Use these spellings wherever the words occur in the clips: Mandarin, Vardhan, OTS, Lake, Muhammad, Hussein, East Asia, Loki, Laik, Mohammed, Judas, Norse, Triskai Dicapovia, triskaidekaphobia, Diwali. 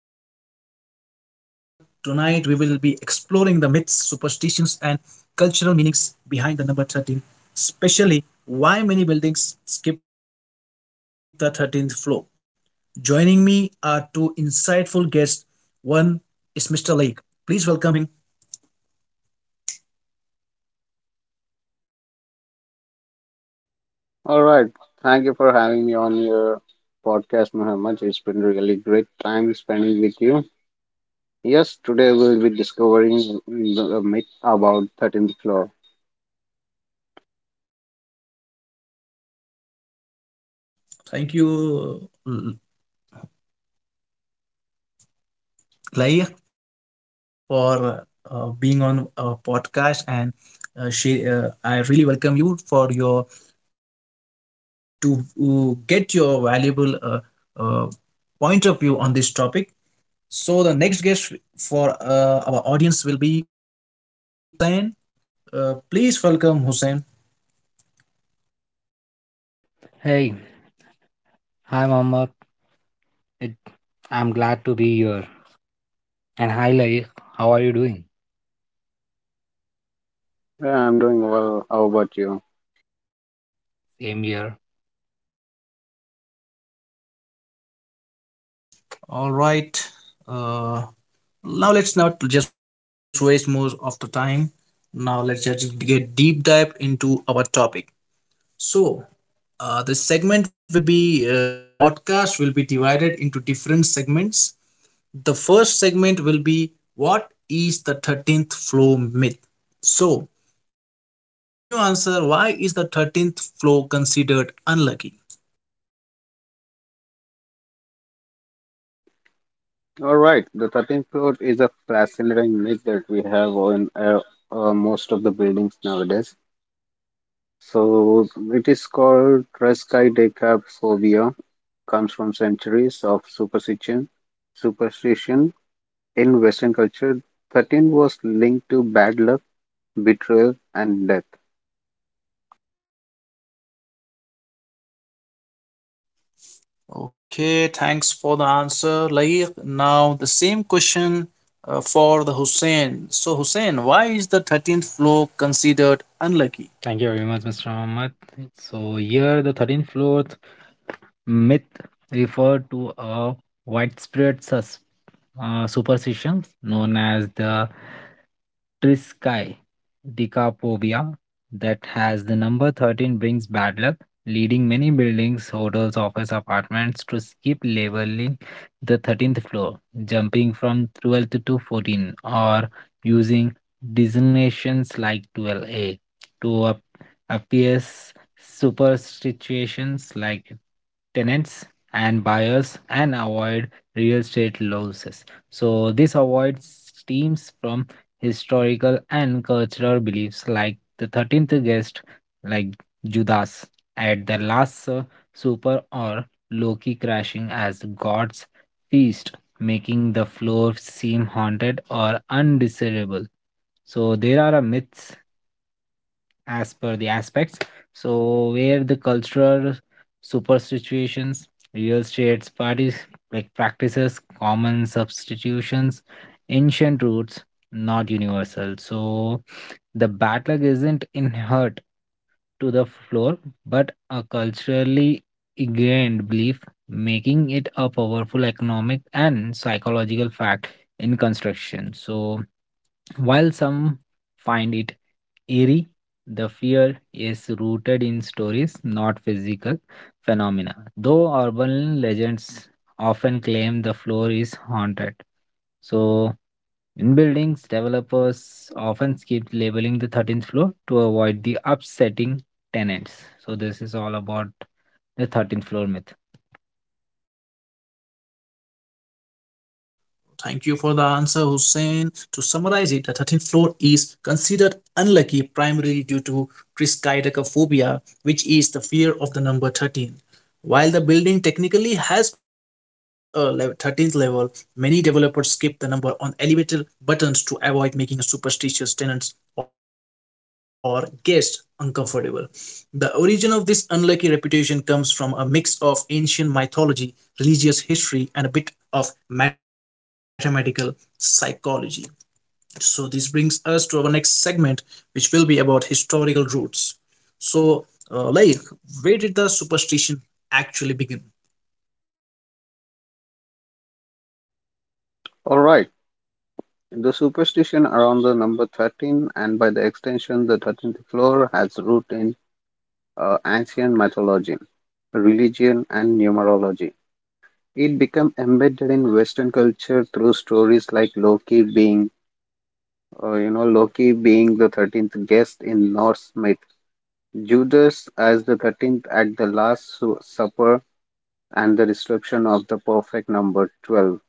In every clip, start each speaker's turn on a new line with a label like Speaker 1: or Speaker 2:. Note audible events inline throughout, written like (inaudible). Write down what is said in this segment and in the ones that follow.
Speaker 1: I'm your host, Muhammad. Tonight, we will be exploring the myths, superstitions, and cultural meanings behind the number 13, especially why many buildings skip the 13th floor. Joining me are two insightful guests. One is Mr. Lake. Please welcome him.
Speaker 2: All right. Thank you for having me on your podcast, Muhammad. It's been really great time spending with you. Yes, today we'll be discovering the myth about 13th floor.
Speaker 1: Thank you, Laik, for being on our podcast. And I really welcome you for your to get your valuable uh, point of view on this topic. So the next guest for our audience will be Hussein. Please welcome Hussein.
Speaker 3: Hey, hi Mohammed. It, I'm glad to be here. And hi Laik, how are you doing?
Speaker 2: Yeah, I'm doing well. How about you?
Speaker 3: Same here.
Speaker 1: All right. Uh, Now let's not just waste more of the time. Now let's just get deep dive into our topic. So, the segment will be the podcast will be divided into different segments. The first segment will be, what is the 13th floor myth? So, like, can you answer why is the 13th floor considered unlucky?
Speaker 2: All right. The 13th floor is a fascinating myth that we have on most of the buildings nowadays. So it is called Treskai Deca phobia. Comes from centuries of superstition in Western culture, 13 was linked to bad luck, betrayal, and death.
Speaker 1: Okay, thanks for the answer, Laik. Now, the same question for the Hussein. So, Hussein, why is the 13th floor considered unlucky?
Speaker 3: Thank you very much, Mr. Mohammed. So here, the 13th floor myth referred to a widespread superstition known as the Triskai Dicapovia that has the number 13 brings bad luck, leading many buildings, hotels, office apartments to skip leveling the 13th floor, jumping from 12th to 14, or using designations like 12A to appear superstitions like tenants and buyers and avoid real estate losses. So this avoids teams from historical and cultural beliefs like the 13th guest like Judas at the last supper or Loki crashing as God's feast, making the floor seem haunted or undesirable. So there are a myths as per the aspects. So where the cultural superstitions, real states, parties like practices, common substitutions, ancient roots, not universal. So the battle isn't inherent to the floor, but a culturally ingrained belief, making it a powerful economic and psychological fact in construction. So while some find it eerie, the fear is rooted in stories, not physical phenomena, though urban legends often claim the floor is haunted. So, in buildings, developers often skip labeling the 13th floor to avoid the upsetting tenants. So, this is all about the 13th floor myth.
Speaker 1: Thank you for the answer, Hussein. To summarize it, the 13th floor is considered unlucky primarily due to triskaidekaphobia, which is the fear of the number 13. While the building technically has a 13th level, many developers skip the number on elevator buttons to avoid making superstitious tenants or guests uncomfortable. The origin of this unlucky reputation comes from a mix of ancient mythology, religious history, and a bit of mathematical psychology. So, this brings us to our next segment, which will be about historical roots. So, like, where did the superstition actually begin?
Speaker 2: Alright, the superstition around the number 13 and by the extension the 13th floor has root in ancient mythology, religion, and numerology. It became embedded in Western culture through stories like Loki being the 13th guest in Norse myth, Judas as the 13th at the Last Supper, and the description of the perfect number 12.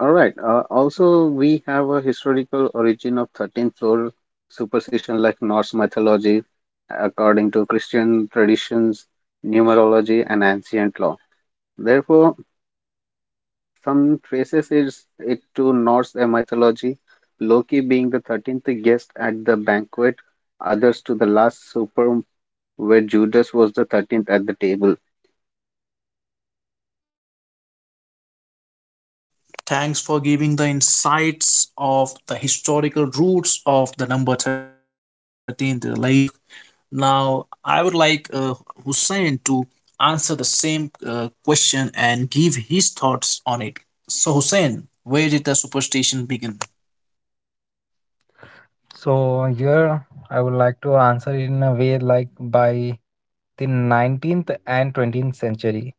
Speaker 2: All right. Also, we have a historical origin of 13th floor superstition like Norse mythology, according to Christian traditions, numerology, and ancient law. Therefore, some traces is it to Norse mythology, Loki being the 13th guest at the banquet, others to the last supper where Judas was the 13th at the table.
Speaker 1: Thanks for giving the insights of the historical roots of the number 13, the Laik. Now, I would like Hussein to answer the same question and give his thoughts on it. So, Hussein, where did the superstition begin?
Speaker 3: So here I would like to answer in a way like by the 19th and 20th century.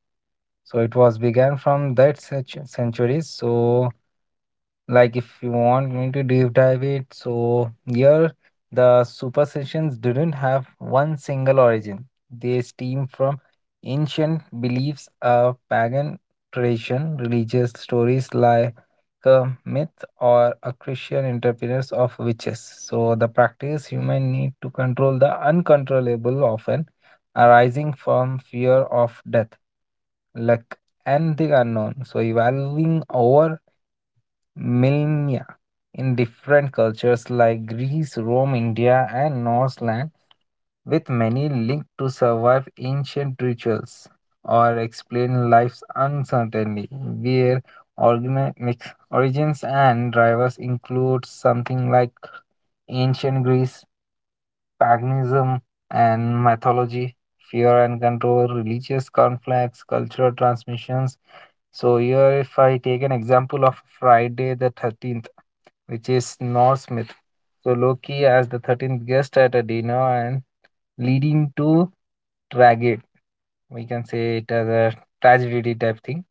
Speaker 3: So it was began from that such centuries. So like if you want me to deep dive it, so here the superstitions didn't have one single origin. They stem from ancient beliefs of pagan tradition, religious stories like a myth or a Christian interference of witches. So the practice, human need to control the uncontrollable, often arising from fear of death, luck, and the unknown, so evolving over millennia in different cultures like Greece, Rome, India, and Norseland, with many linked to survive ancient rituals or explain life's uncertainty, where organic origins and drivers include something like Ancient Greece, paganism and mythology, fear and control, religious conflicts, cultural transmissions. So, here if I take an example of Friday the 13th, which is Norse myth. So, Loki as the 13th guest at a dinner and leading to tragedy, we can say it as a tragedy type thing.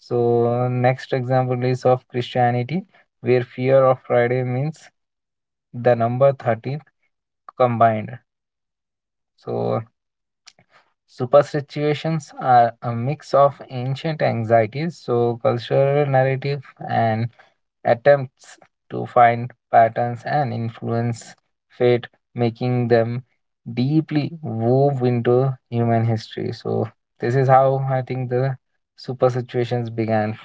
Speaker 3: So next example is of Christianity, where fear of Friday means the number 13 combined. So superstitions are a mix of ancient anxieties, so cultural narrative and attempts to find patterns and influence fate, making them deeply wove into human history. So this is how I think the super situations began.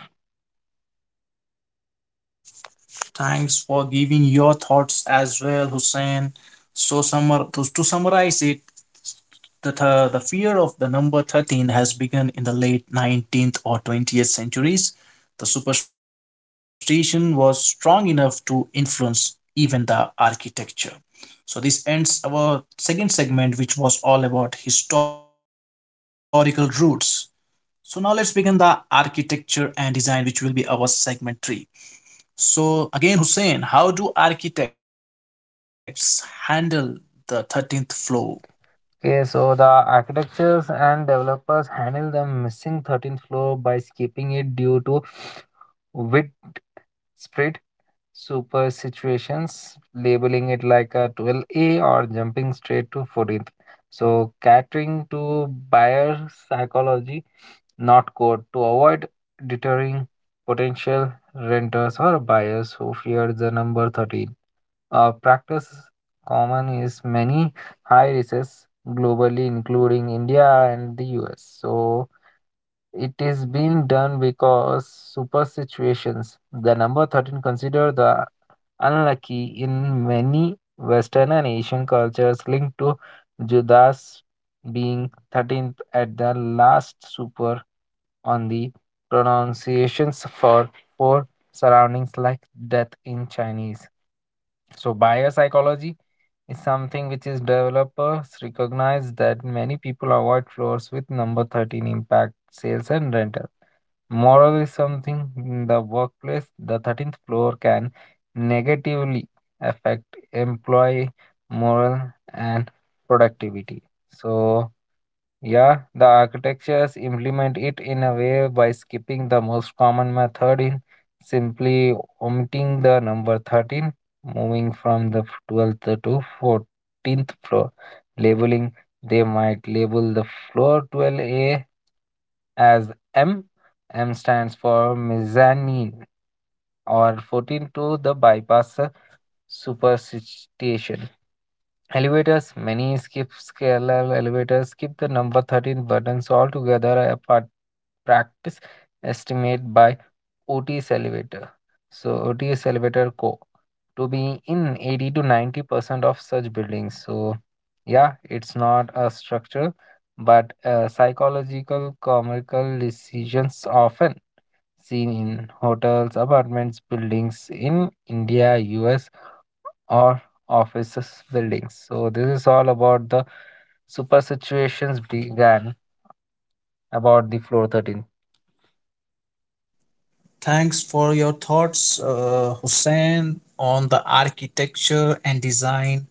Speaker 1: Thanks for giving your thoughts as well, Hussein. So, to summarize it, the fear of the number 13 has begun in the late 19th or 20th centuries. The superstition was strong enough to influence even the architecture. So, this ends our second segment, which was all about historical roots. So, now let's begin the architecture and design, which will be our segment 3. So again, Hussein, how do architects handle the 13th floor?
Speaker 3: Okay, so the architectures and developers handle the missing 13th floor by skipping it due to widespread super situations, labeling it like a 12A or jumping straight to 14th. So, catering to buyer psychology, not code, to avoid deterring potential renters or buyers who fear the number 13. A practice common is many high rises globally, including India and the US. So, it is being done because super situations. The number 13 considered the unlucky in many Western and Asian cultures linked to Judas being 13th at the last super on the pronunciations for four surroundings like death in Chinese. So, biopsychology is something which is developers recognize that many people avoid floors with number 13 impact sales and rental. Moral is something in the workplace, the 13th floor can negatively affect employee morale and productivity. So yeah, the architectures implement it in a way by skipping the most common method in simply omitting the number 13, moving from the 12th to 14th floor. Labeling, they might label the floor 12A as M. M stands for mezzanine or 14 to the bypass superstition. Elevators, many skip scalar elevators, skip the number 13 buttons altogether apart. Practice estimate by OTS elevator. So, OTS elevator co to be in 80 to 90% of such buildings. So, yeah, it's not a structure, but psychological, commercial decisions often seen in hotels, apartments, buildings in India, US or offices buildings. So this is all about the super situations began about the floor 13.
Speaker 1: Thanks for your thoughts, Hussein, on the architecture and design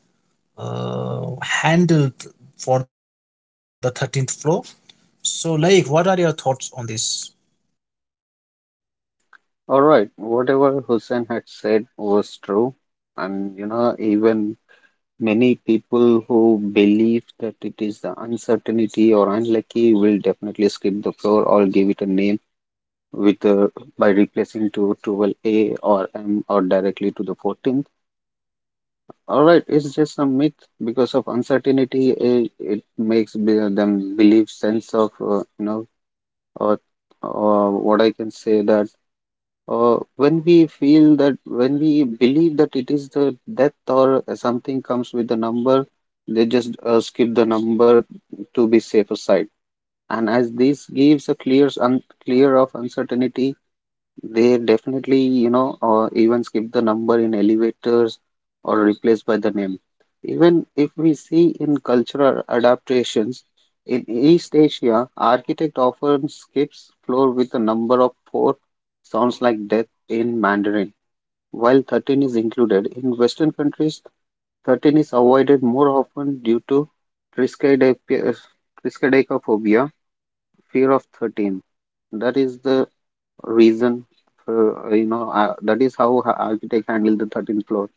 Speaker 1: handled for the 13th floor. So, Laik, what are your thoughts on this?
Speaker 2: All right, whatever Hussein had said was true, and even many people who believe that it is the uncertainty or unlucky will definitely skip the floor or give it a name with the by replacing to 12A or M or directly to the 14th. All right, it's just a myth because of uncertainty, it makes them believe sense of or, or what I can say that. When we believe that it is the death or something comes with the number, they just skip the number to be safer side. And as this gives a clear, un clear of uncertainty, they definitely, or even skip the number in elevators or replaced by the name. Even if we see in cultural adaptations, in East Asia, architect often skips floor with the number of four sounds like death in Mandarin, while 13 is included. In Western countries, 13 is avoided more often due to triskaidecap- triskaidekaphobia, fear of 13. That is the reason for that is how architect handled the 13th floor.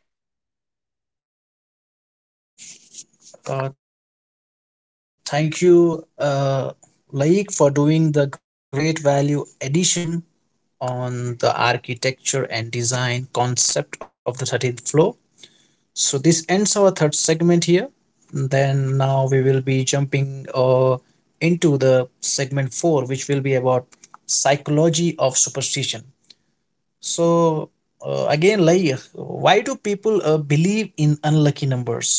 Speaker 1: Thank you, Laik, for doing the great value addition on the architecture and design concept of the 13th floor. So this ends our third segment here. Then now we will be jumping into the segment 4, which will be about psychology of superstition. So, again, like, why do people believe in unlucky numbers?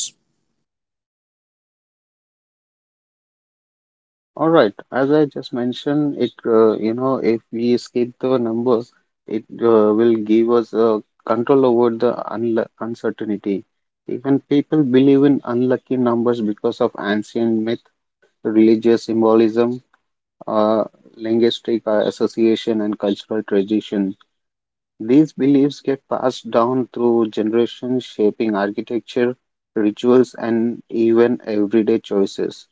Speaker 2: All right, as I just mentioned, it, if we skip the numbers, it will give us control over the unlu uncertainty. Even people believe in unlucky numbers because of ancient myth, religious symbolism, uh, linguistic association, and cultural tradition. These beliefs get passed down through generations, shaping architecture, rituals, and even everyday choices.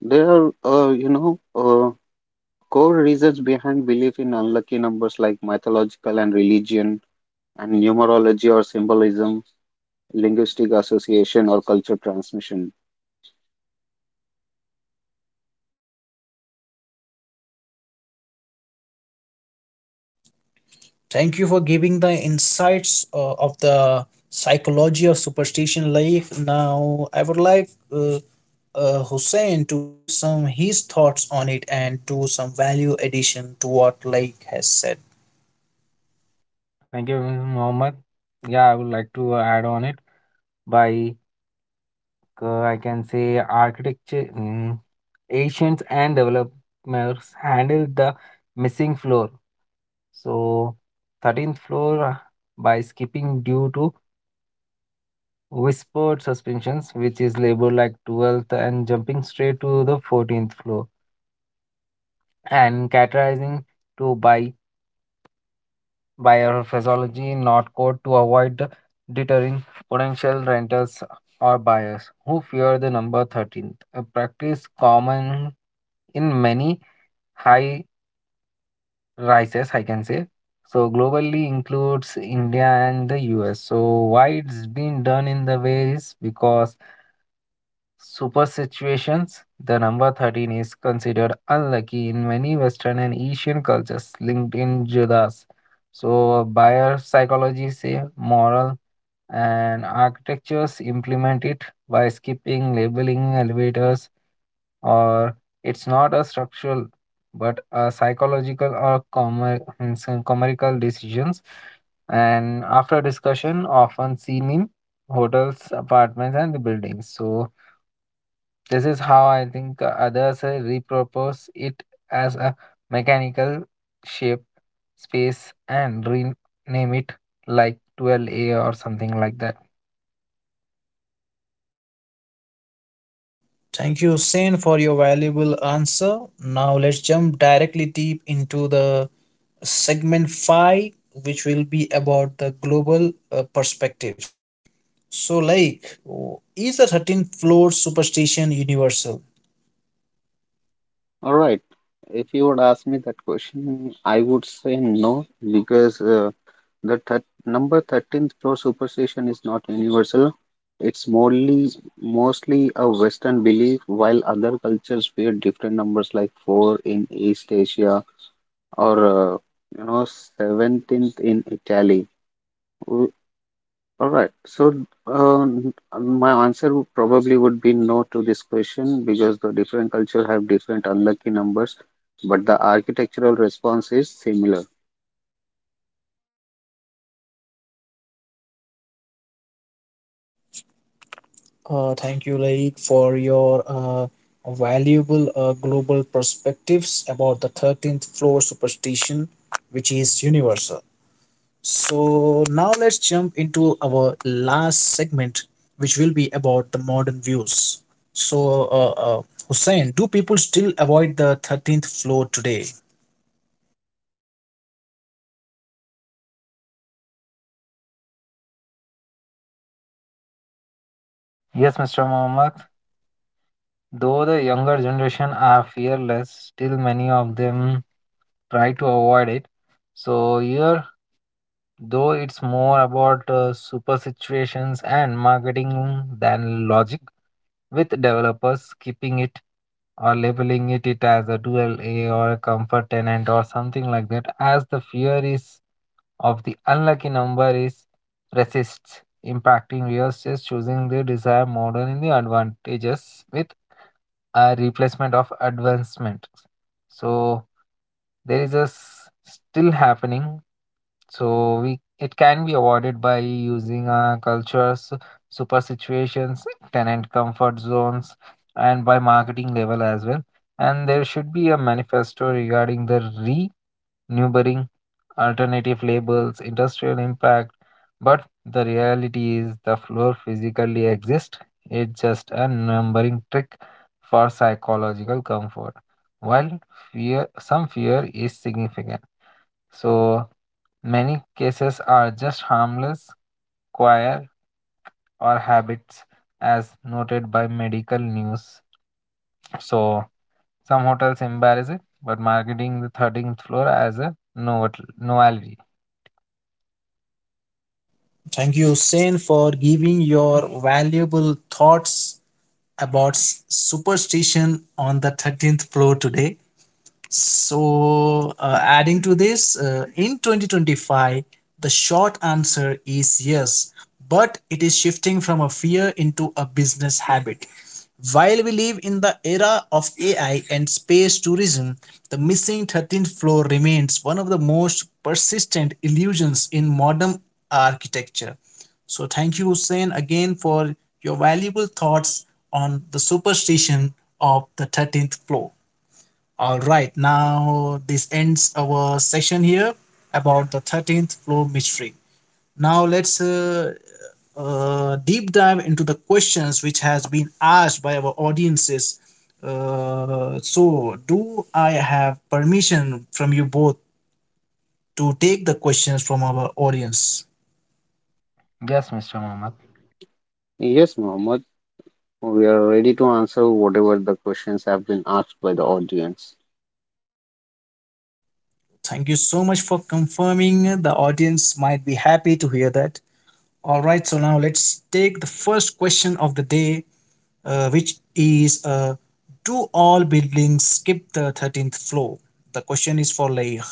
Speaker 2: There are core reasons behind belief in unlucky numbers like mythological and religion, and numerology or symbolism, linguistic association, or culture transmission.
Speaker 1: Thank you for giving the insights of the psychology of superstition life. Now, I would like Hussein to give some his thoughts on it and to some value addition to what Laik has said.
Speaker 3: Thank you, Mr. Mohammed. Yeah, I would like to add on it by I can say architecture, Asians and developers handled the missing floor. So 13th floor by skipping due to whispered suspensions which is labeled like 12th and jumping straight to the 14th floor and categorizing to by biophysiology, not code, to avoid deterring potential renters or buyers who fear the number 13, a practice common in many high rises, I can say. So globally includes India and the US. So why it's been done in the ways because super situations, the number 13 is considered unlucky in many Western and Asian cultures linked in Judas. So, buyer psychology say moral, and architectures implement it by skipping, labeling elevators, or it's not a structural but a psychological or commercial decisions, and after discussion often seen in hotels, apartments, and the buildings. So this is how I think others repurpose it as a mechanical shape, space, and rename it like 12A or something like that.
Speaker 1: Thank you, Hussein, for your valuable answer. Now, let's jump directly deep into the segment 5, which will be about the global perspectives. So, like, is the 13th floor superstition universal?
Speaker 2: All right. If you would ask me that question, I would say no because The thir number 13 store superstition is not universal. It's mostly a Western belief, while other cultures fear different numbers like 4 in East Asia or you know 17th in Italy. W- All right. So my answer probably would be no to this question because the different culture have different unlucky numbers, but the architectural response is similar.
Speaker 1: Thank you, Laik, for your valuable global perspectives about the 13th floor superstition, which is universal. So, now let's jump into our last segment, which will be about the modern views. So, Hussein, do people still avoid the 13th floor today?
Speaker 3: Yes, Mr. Mohammed. Though the younger generation are fearless, still many of them try to avoid it. So here, though it's more about super situations and marketing than logic, with developers keeping it or labeling it as a dual A or a comfort tenant or something like that, as the fear is of the unlucky number is persists, impacting real estate choosing the desired model in the advantages with a replacement of advancement. So there is a still happening. So we, it can be avoided by using cultures, super situations, tenant comfort zones, and by marketing level as well. And there should be a manifesto regarding the renewable alternative labels, industrial impact, but the reality is the floor physically exists. It's just a numbering trick for psychological comfort. While fear, some fear is significant. So many cases are just harmless, choir, or habits, as noted by medical news. So some hotels embarrass it, but marketing the 13th floor as a novelty.
Speaker 1: Thank you, Hussein, for giving your valuable thoughts about superstition on the 13th floor today. So, adding to this, in 2025, the short answer is yes, but it is shifting from a fear into a business habit. While we live in the era of AI and space tourism, the missing 13th floor remains one of the most persistent illusions in modern architecture. So, thank you, Hussein, again for your valuable thoughts on the superstition of the 13th floor. All right, now this ends our session here about the 13th floor mystery. Now let's deep dive into the questions which has been asked by our audiences. So, do I have permission from you both to take the questions from our audience?
Speaker 3: Yes, Mr. Mohammed.
Speaker 2: Yes, Mohammed. We are ready to answer whatever the questions have been asked by the audience.
Speaker 1: Thank you so much for confirming. The audience might be happy to hear that. All right, so now let's take the first question of the day, which is: do all buildings skip the 13th floor? The question is for Laik.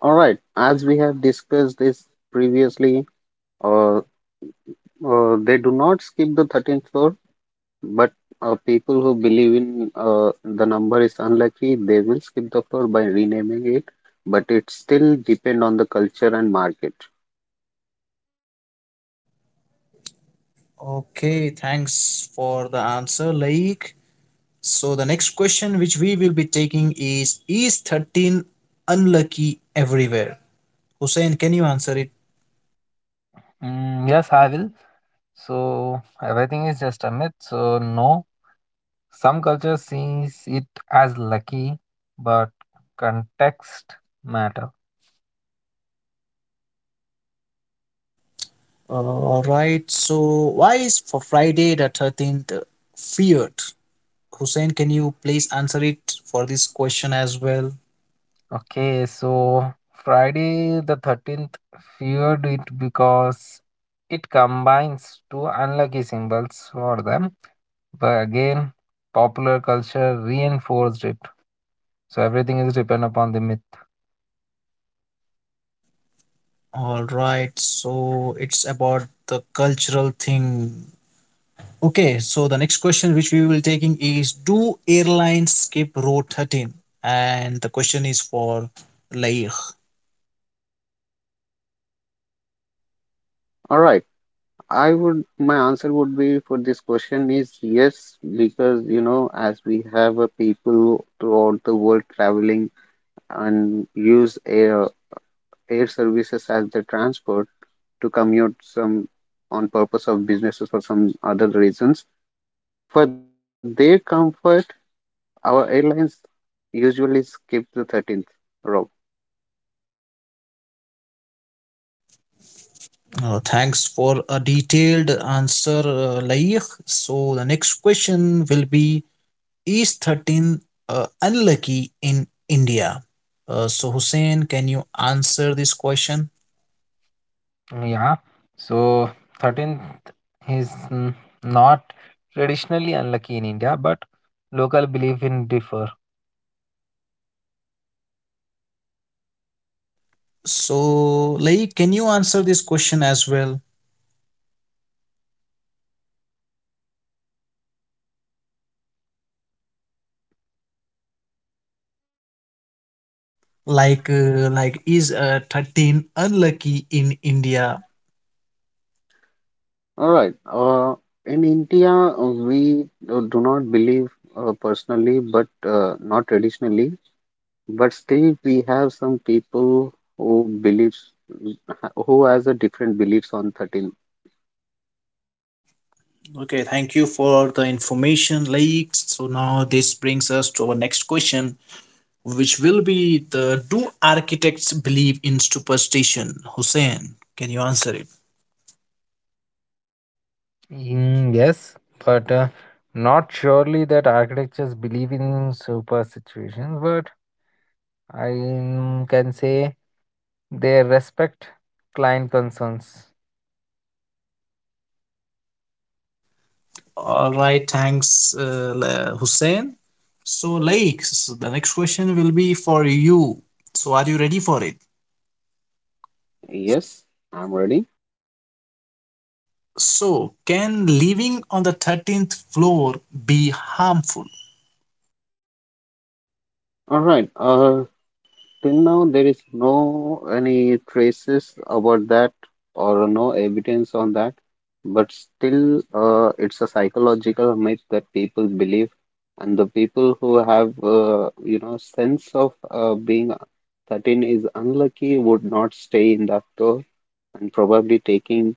Speaker 2: All right, as we have discussed this previously, uh, they do not skip the 13th floor, but people who believe in the number is unlucky, they will skip the floor by renaming it, but it still depend on the culture and market.
Speaker 1: Okay, thanks for the answer, Laik. So the next question which we will be taking is: is 13 unlucky everywhere? Hussein, can you answer it?
Speaker 3: Mm, yes, I will. So everything is just a myth. So no, some cultures sees it as lucky, but context matter.
Speaker 1: All right. So why is for Friday the 13th feared? Hussein, can you please answer it for this question as well?
Speaker 3: Okay, so Friday the 13th feared it because it combines two unlucky symbols for them. But again, popular culture reinforced it. So everything is depend upon the myth.
Speaker 1: All right, so it's about the cultural thing. Okay, so the next question which we will taking is, do airlines skip row 13? And the question is for Laik.
Speaker 2: All right, I would my answer would be for this question is yes, because as we have a people throughout the world traveling and use air services as the transport to commute some on purpose of businesses or some other reasons. For their comfort, our airlines usually skip the 13th row.
Speaker 1: Thanks for a detailed answer, Laik. So the next question will be, is 13 unlucky in India? So Hussein, can you answer this question?
Speaker 3: Yeah, so 13th is not traditionally unlucky in India, but local belief in differ.
Speaker 1: So Laik, can you answer this question as well? Like, is 13 unlucky in india?
Speaker 2: All right. In India, we do not believe personally, but not traditionally. But still, we have some people who believes who has a different beliefs on 13th.
Speaker 1: Okay, thank you for the information, Lakes. So now this brings us to our next question, which will be the, do architects believe in superstition? Hussein, can you answer it?
Speaker 3: Mm, yes, but not surely that architects believe in super situations, but I, can say they respect client concerns.
Speaker 1: All right, thanks, Hussein. So Lakes, the next question will be for you. So are you ready for it?
Speaker 2: Yes, I'm ready.
Speaker 1: So can living on the 13th floor be harmful?
Speaker 2: All right. Till now, there is no any traces about that or no evidence on that, but still, it's a psychological myth that people believe, and the people who have, sense of being 13 is unlucky would not stay in that floor and probably taking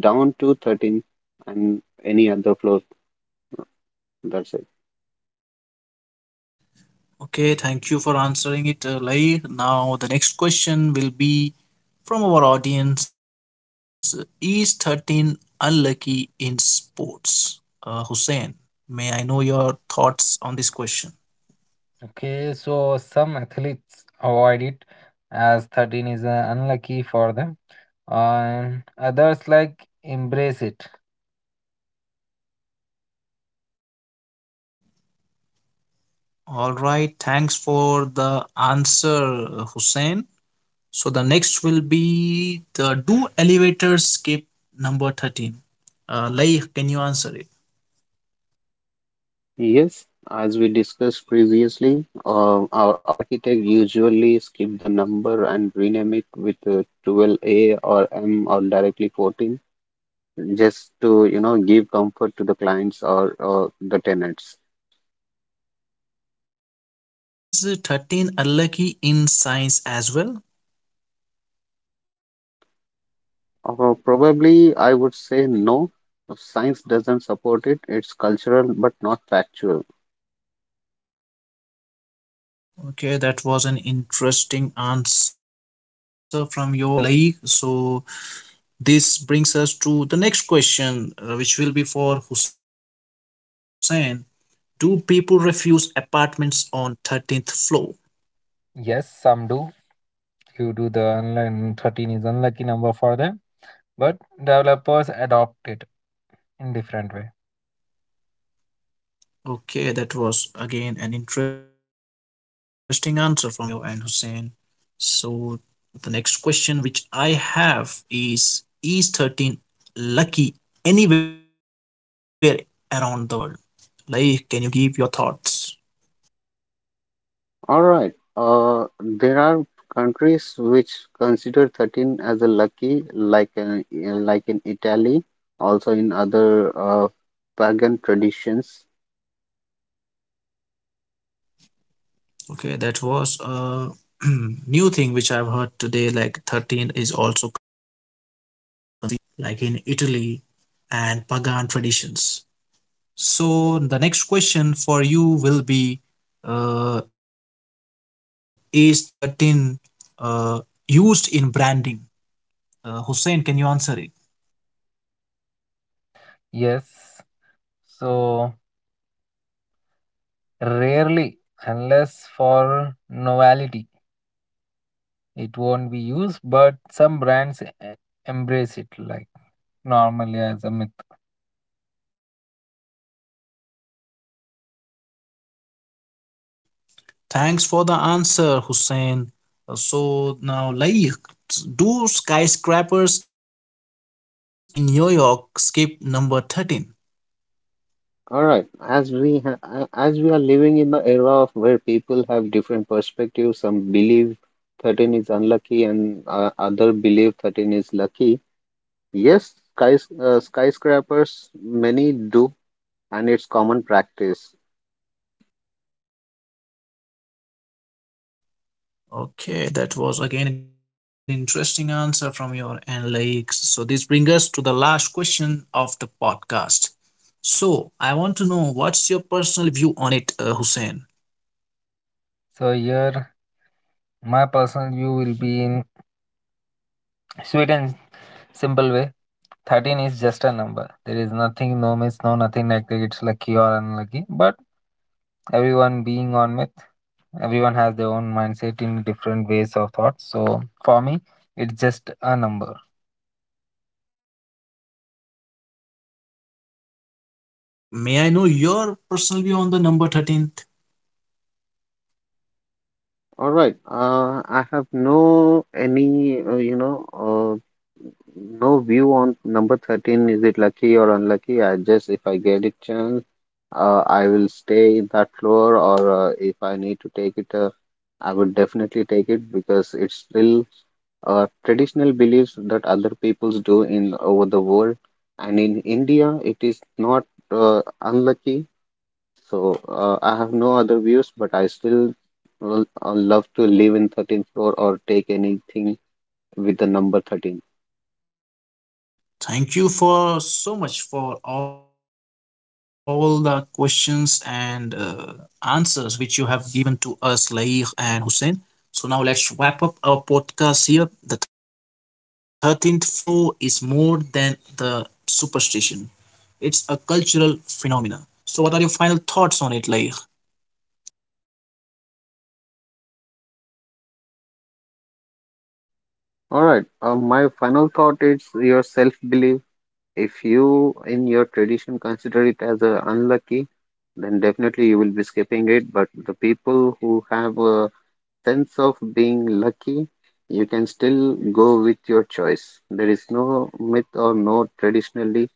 Speaker 2: down to 13 and any other floor. That's it.
Speaker 1: Okay, thank you for answering it, Lahir. Now, the next question will be from our audience: is 13 unlucky in sports? Hussein, may I know your thoughts on this question?
Speaker 3: Okay, so some athletes avoid it as 13 is unlucky for them, and others like embrace it.
Speaker 1: All right, thanks for the answer, Hussein. So, the next will be the, do elevators skip number 13? Lahir, can you answer it?
Speaker 2: Yes, as we discussed previously, our architect usually skip the number and rename it with 12A or M or directly 14 just to give comfort to the clients or the tenants.
Speaker 1: So, Lahir, is 13 unlucky in science as well?
Speaker 2: Probably I would say no, science doesn't support it. It's cultural but not factual.
Speaker 1: Okay, that was an interesting answer from your end, Laik. So, this brings us to the next question, which will be for Hussein. Do people refuse apartments on 13th floor?
Speaker 3: Yes, some do. You do the online, 13 is unlucky number for them, but developers adopt it in different way.
Speaker 1: Okay, that was again an interesting answer from your end, Hussein. So, the next question which I have is: is 13 lucky anywhere around the world? Laik, can you give your thoughts?
Speaker 2: All right. There are countries which consider 13 as a lucky, like in Italy, also in other uh, pagan traditions.
Speaker 1: Okay, that was a (clears throat) new thing which I've heard today. Like, 13 is also considered a lucky, like in Italy and pagan traditions. So, the next question for you will be, is 13 uh, used in branding? Hussein, can you answer it?
Speaker 3: Yes, so rarely, unless for novelty, it won't be used, but some brands embrace it like normally as a myth.
Speaker 1: Thanks for the answer, Hussein. So, now, like, do skyscrapers in New York skip number 13?
Speaker 2: All right. As we are living in the era of where people have different perspectives, some believe 13 is unlucky and other believe 13 is lucky. Yes, skyscrapers many do, and it's common practice.
Speaker 1: Okay, that was again an interesting answer from your end, Laik. So this brings us to the last question of the podcast. So I want to know what's your personal view on it, Hussein.
Speaker 3: So here, my personal view will be in sweet and simple way. 13 is just a number. There is nothing, no miss, no nothing like that. It's lucky or unlucky. But everyone being on myth, everyone has their own mindset in different ways of thought. So for me, it's just a number.
Speaker 1: So like, may I know your personal view on the number 13th?
Speaker 2: All right. I have no any, no view on number 13. Is it lucky or unlucky? I just, if I get a chance, I will stay in that floor, or if I need to take it, I would definitely take it because it's still traditional beliefs that other peoples do in over the world. And in India, it is not unlucky. So I have no other views, but I still love to live in 13th floor or take anything with the number 13.
Speaker 1: Thank you for so much for all the questions and answers which you have given to us, Laik and Hussein. So now let's wrap up our podcast here. The 13th floor is more than the superstition. It's a cultural phenomena. So what are your final thoughts on it, like?
Speaker 2: All right. My final thought is your self-belief. If you in your tradition consider it as a unlucky, then definitely you will be skipping it. But the people who have a sense of being lucky, you can still go with your choice. There is no myth or no traditionally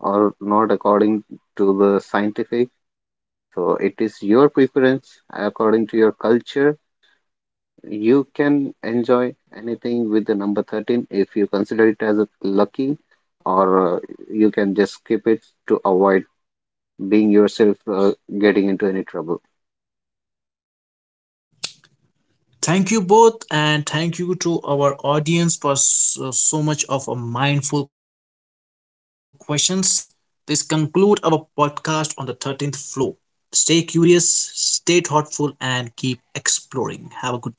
Speaker 2: or not according to the scientific. So it is your preference according to your culture. You can enjoy anything with the number 13 if you consider it as a lucky, or you can just skip it to avoid being yourself getting into any trouble.
Speaker 1: Thank you both, and thank you to our audience for so, so much of a mindful questions. This conclude our podcast on the 13th floor. Stay curious, stay thoughtful and keep exploring. Have a good day.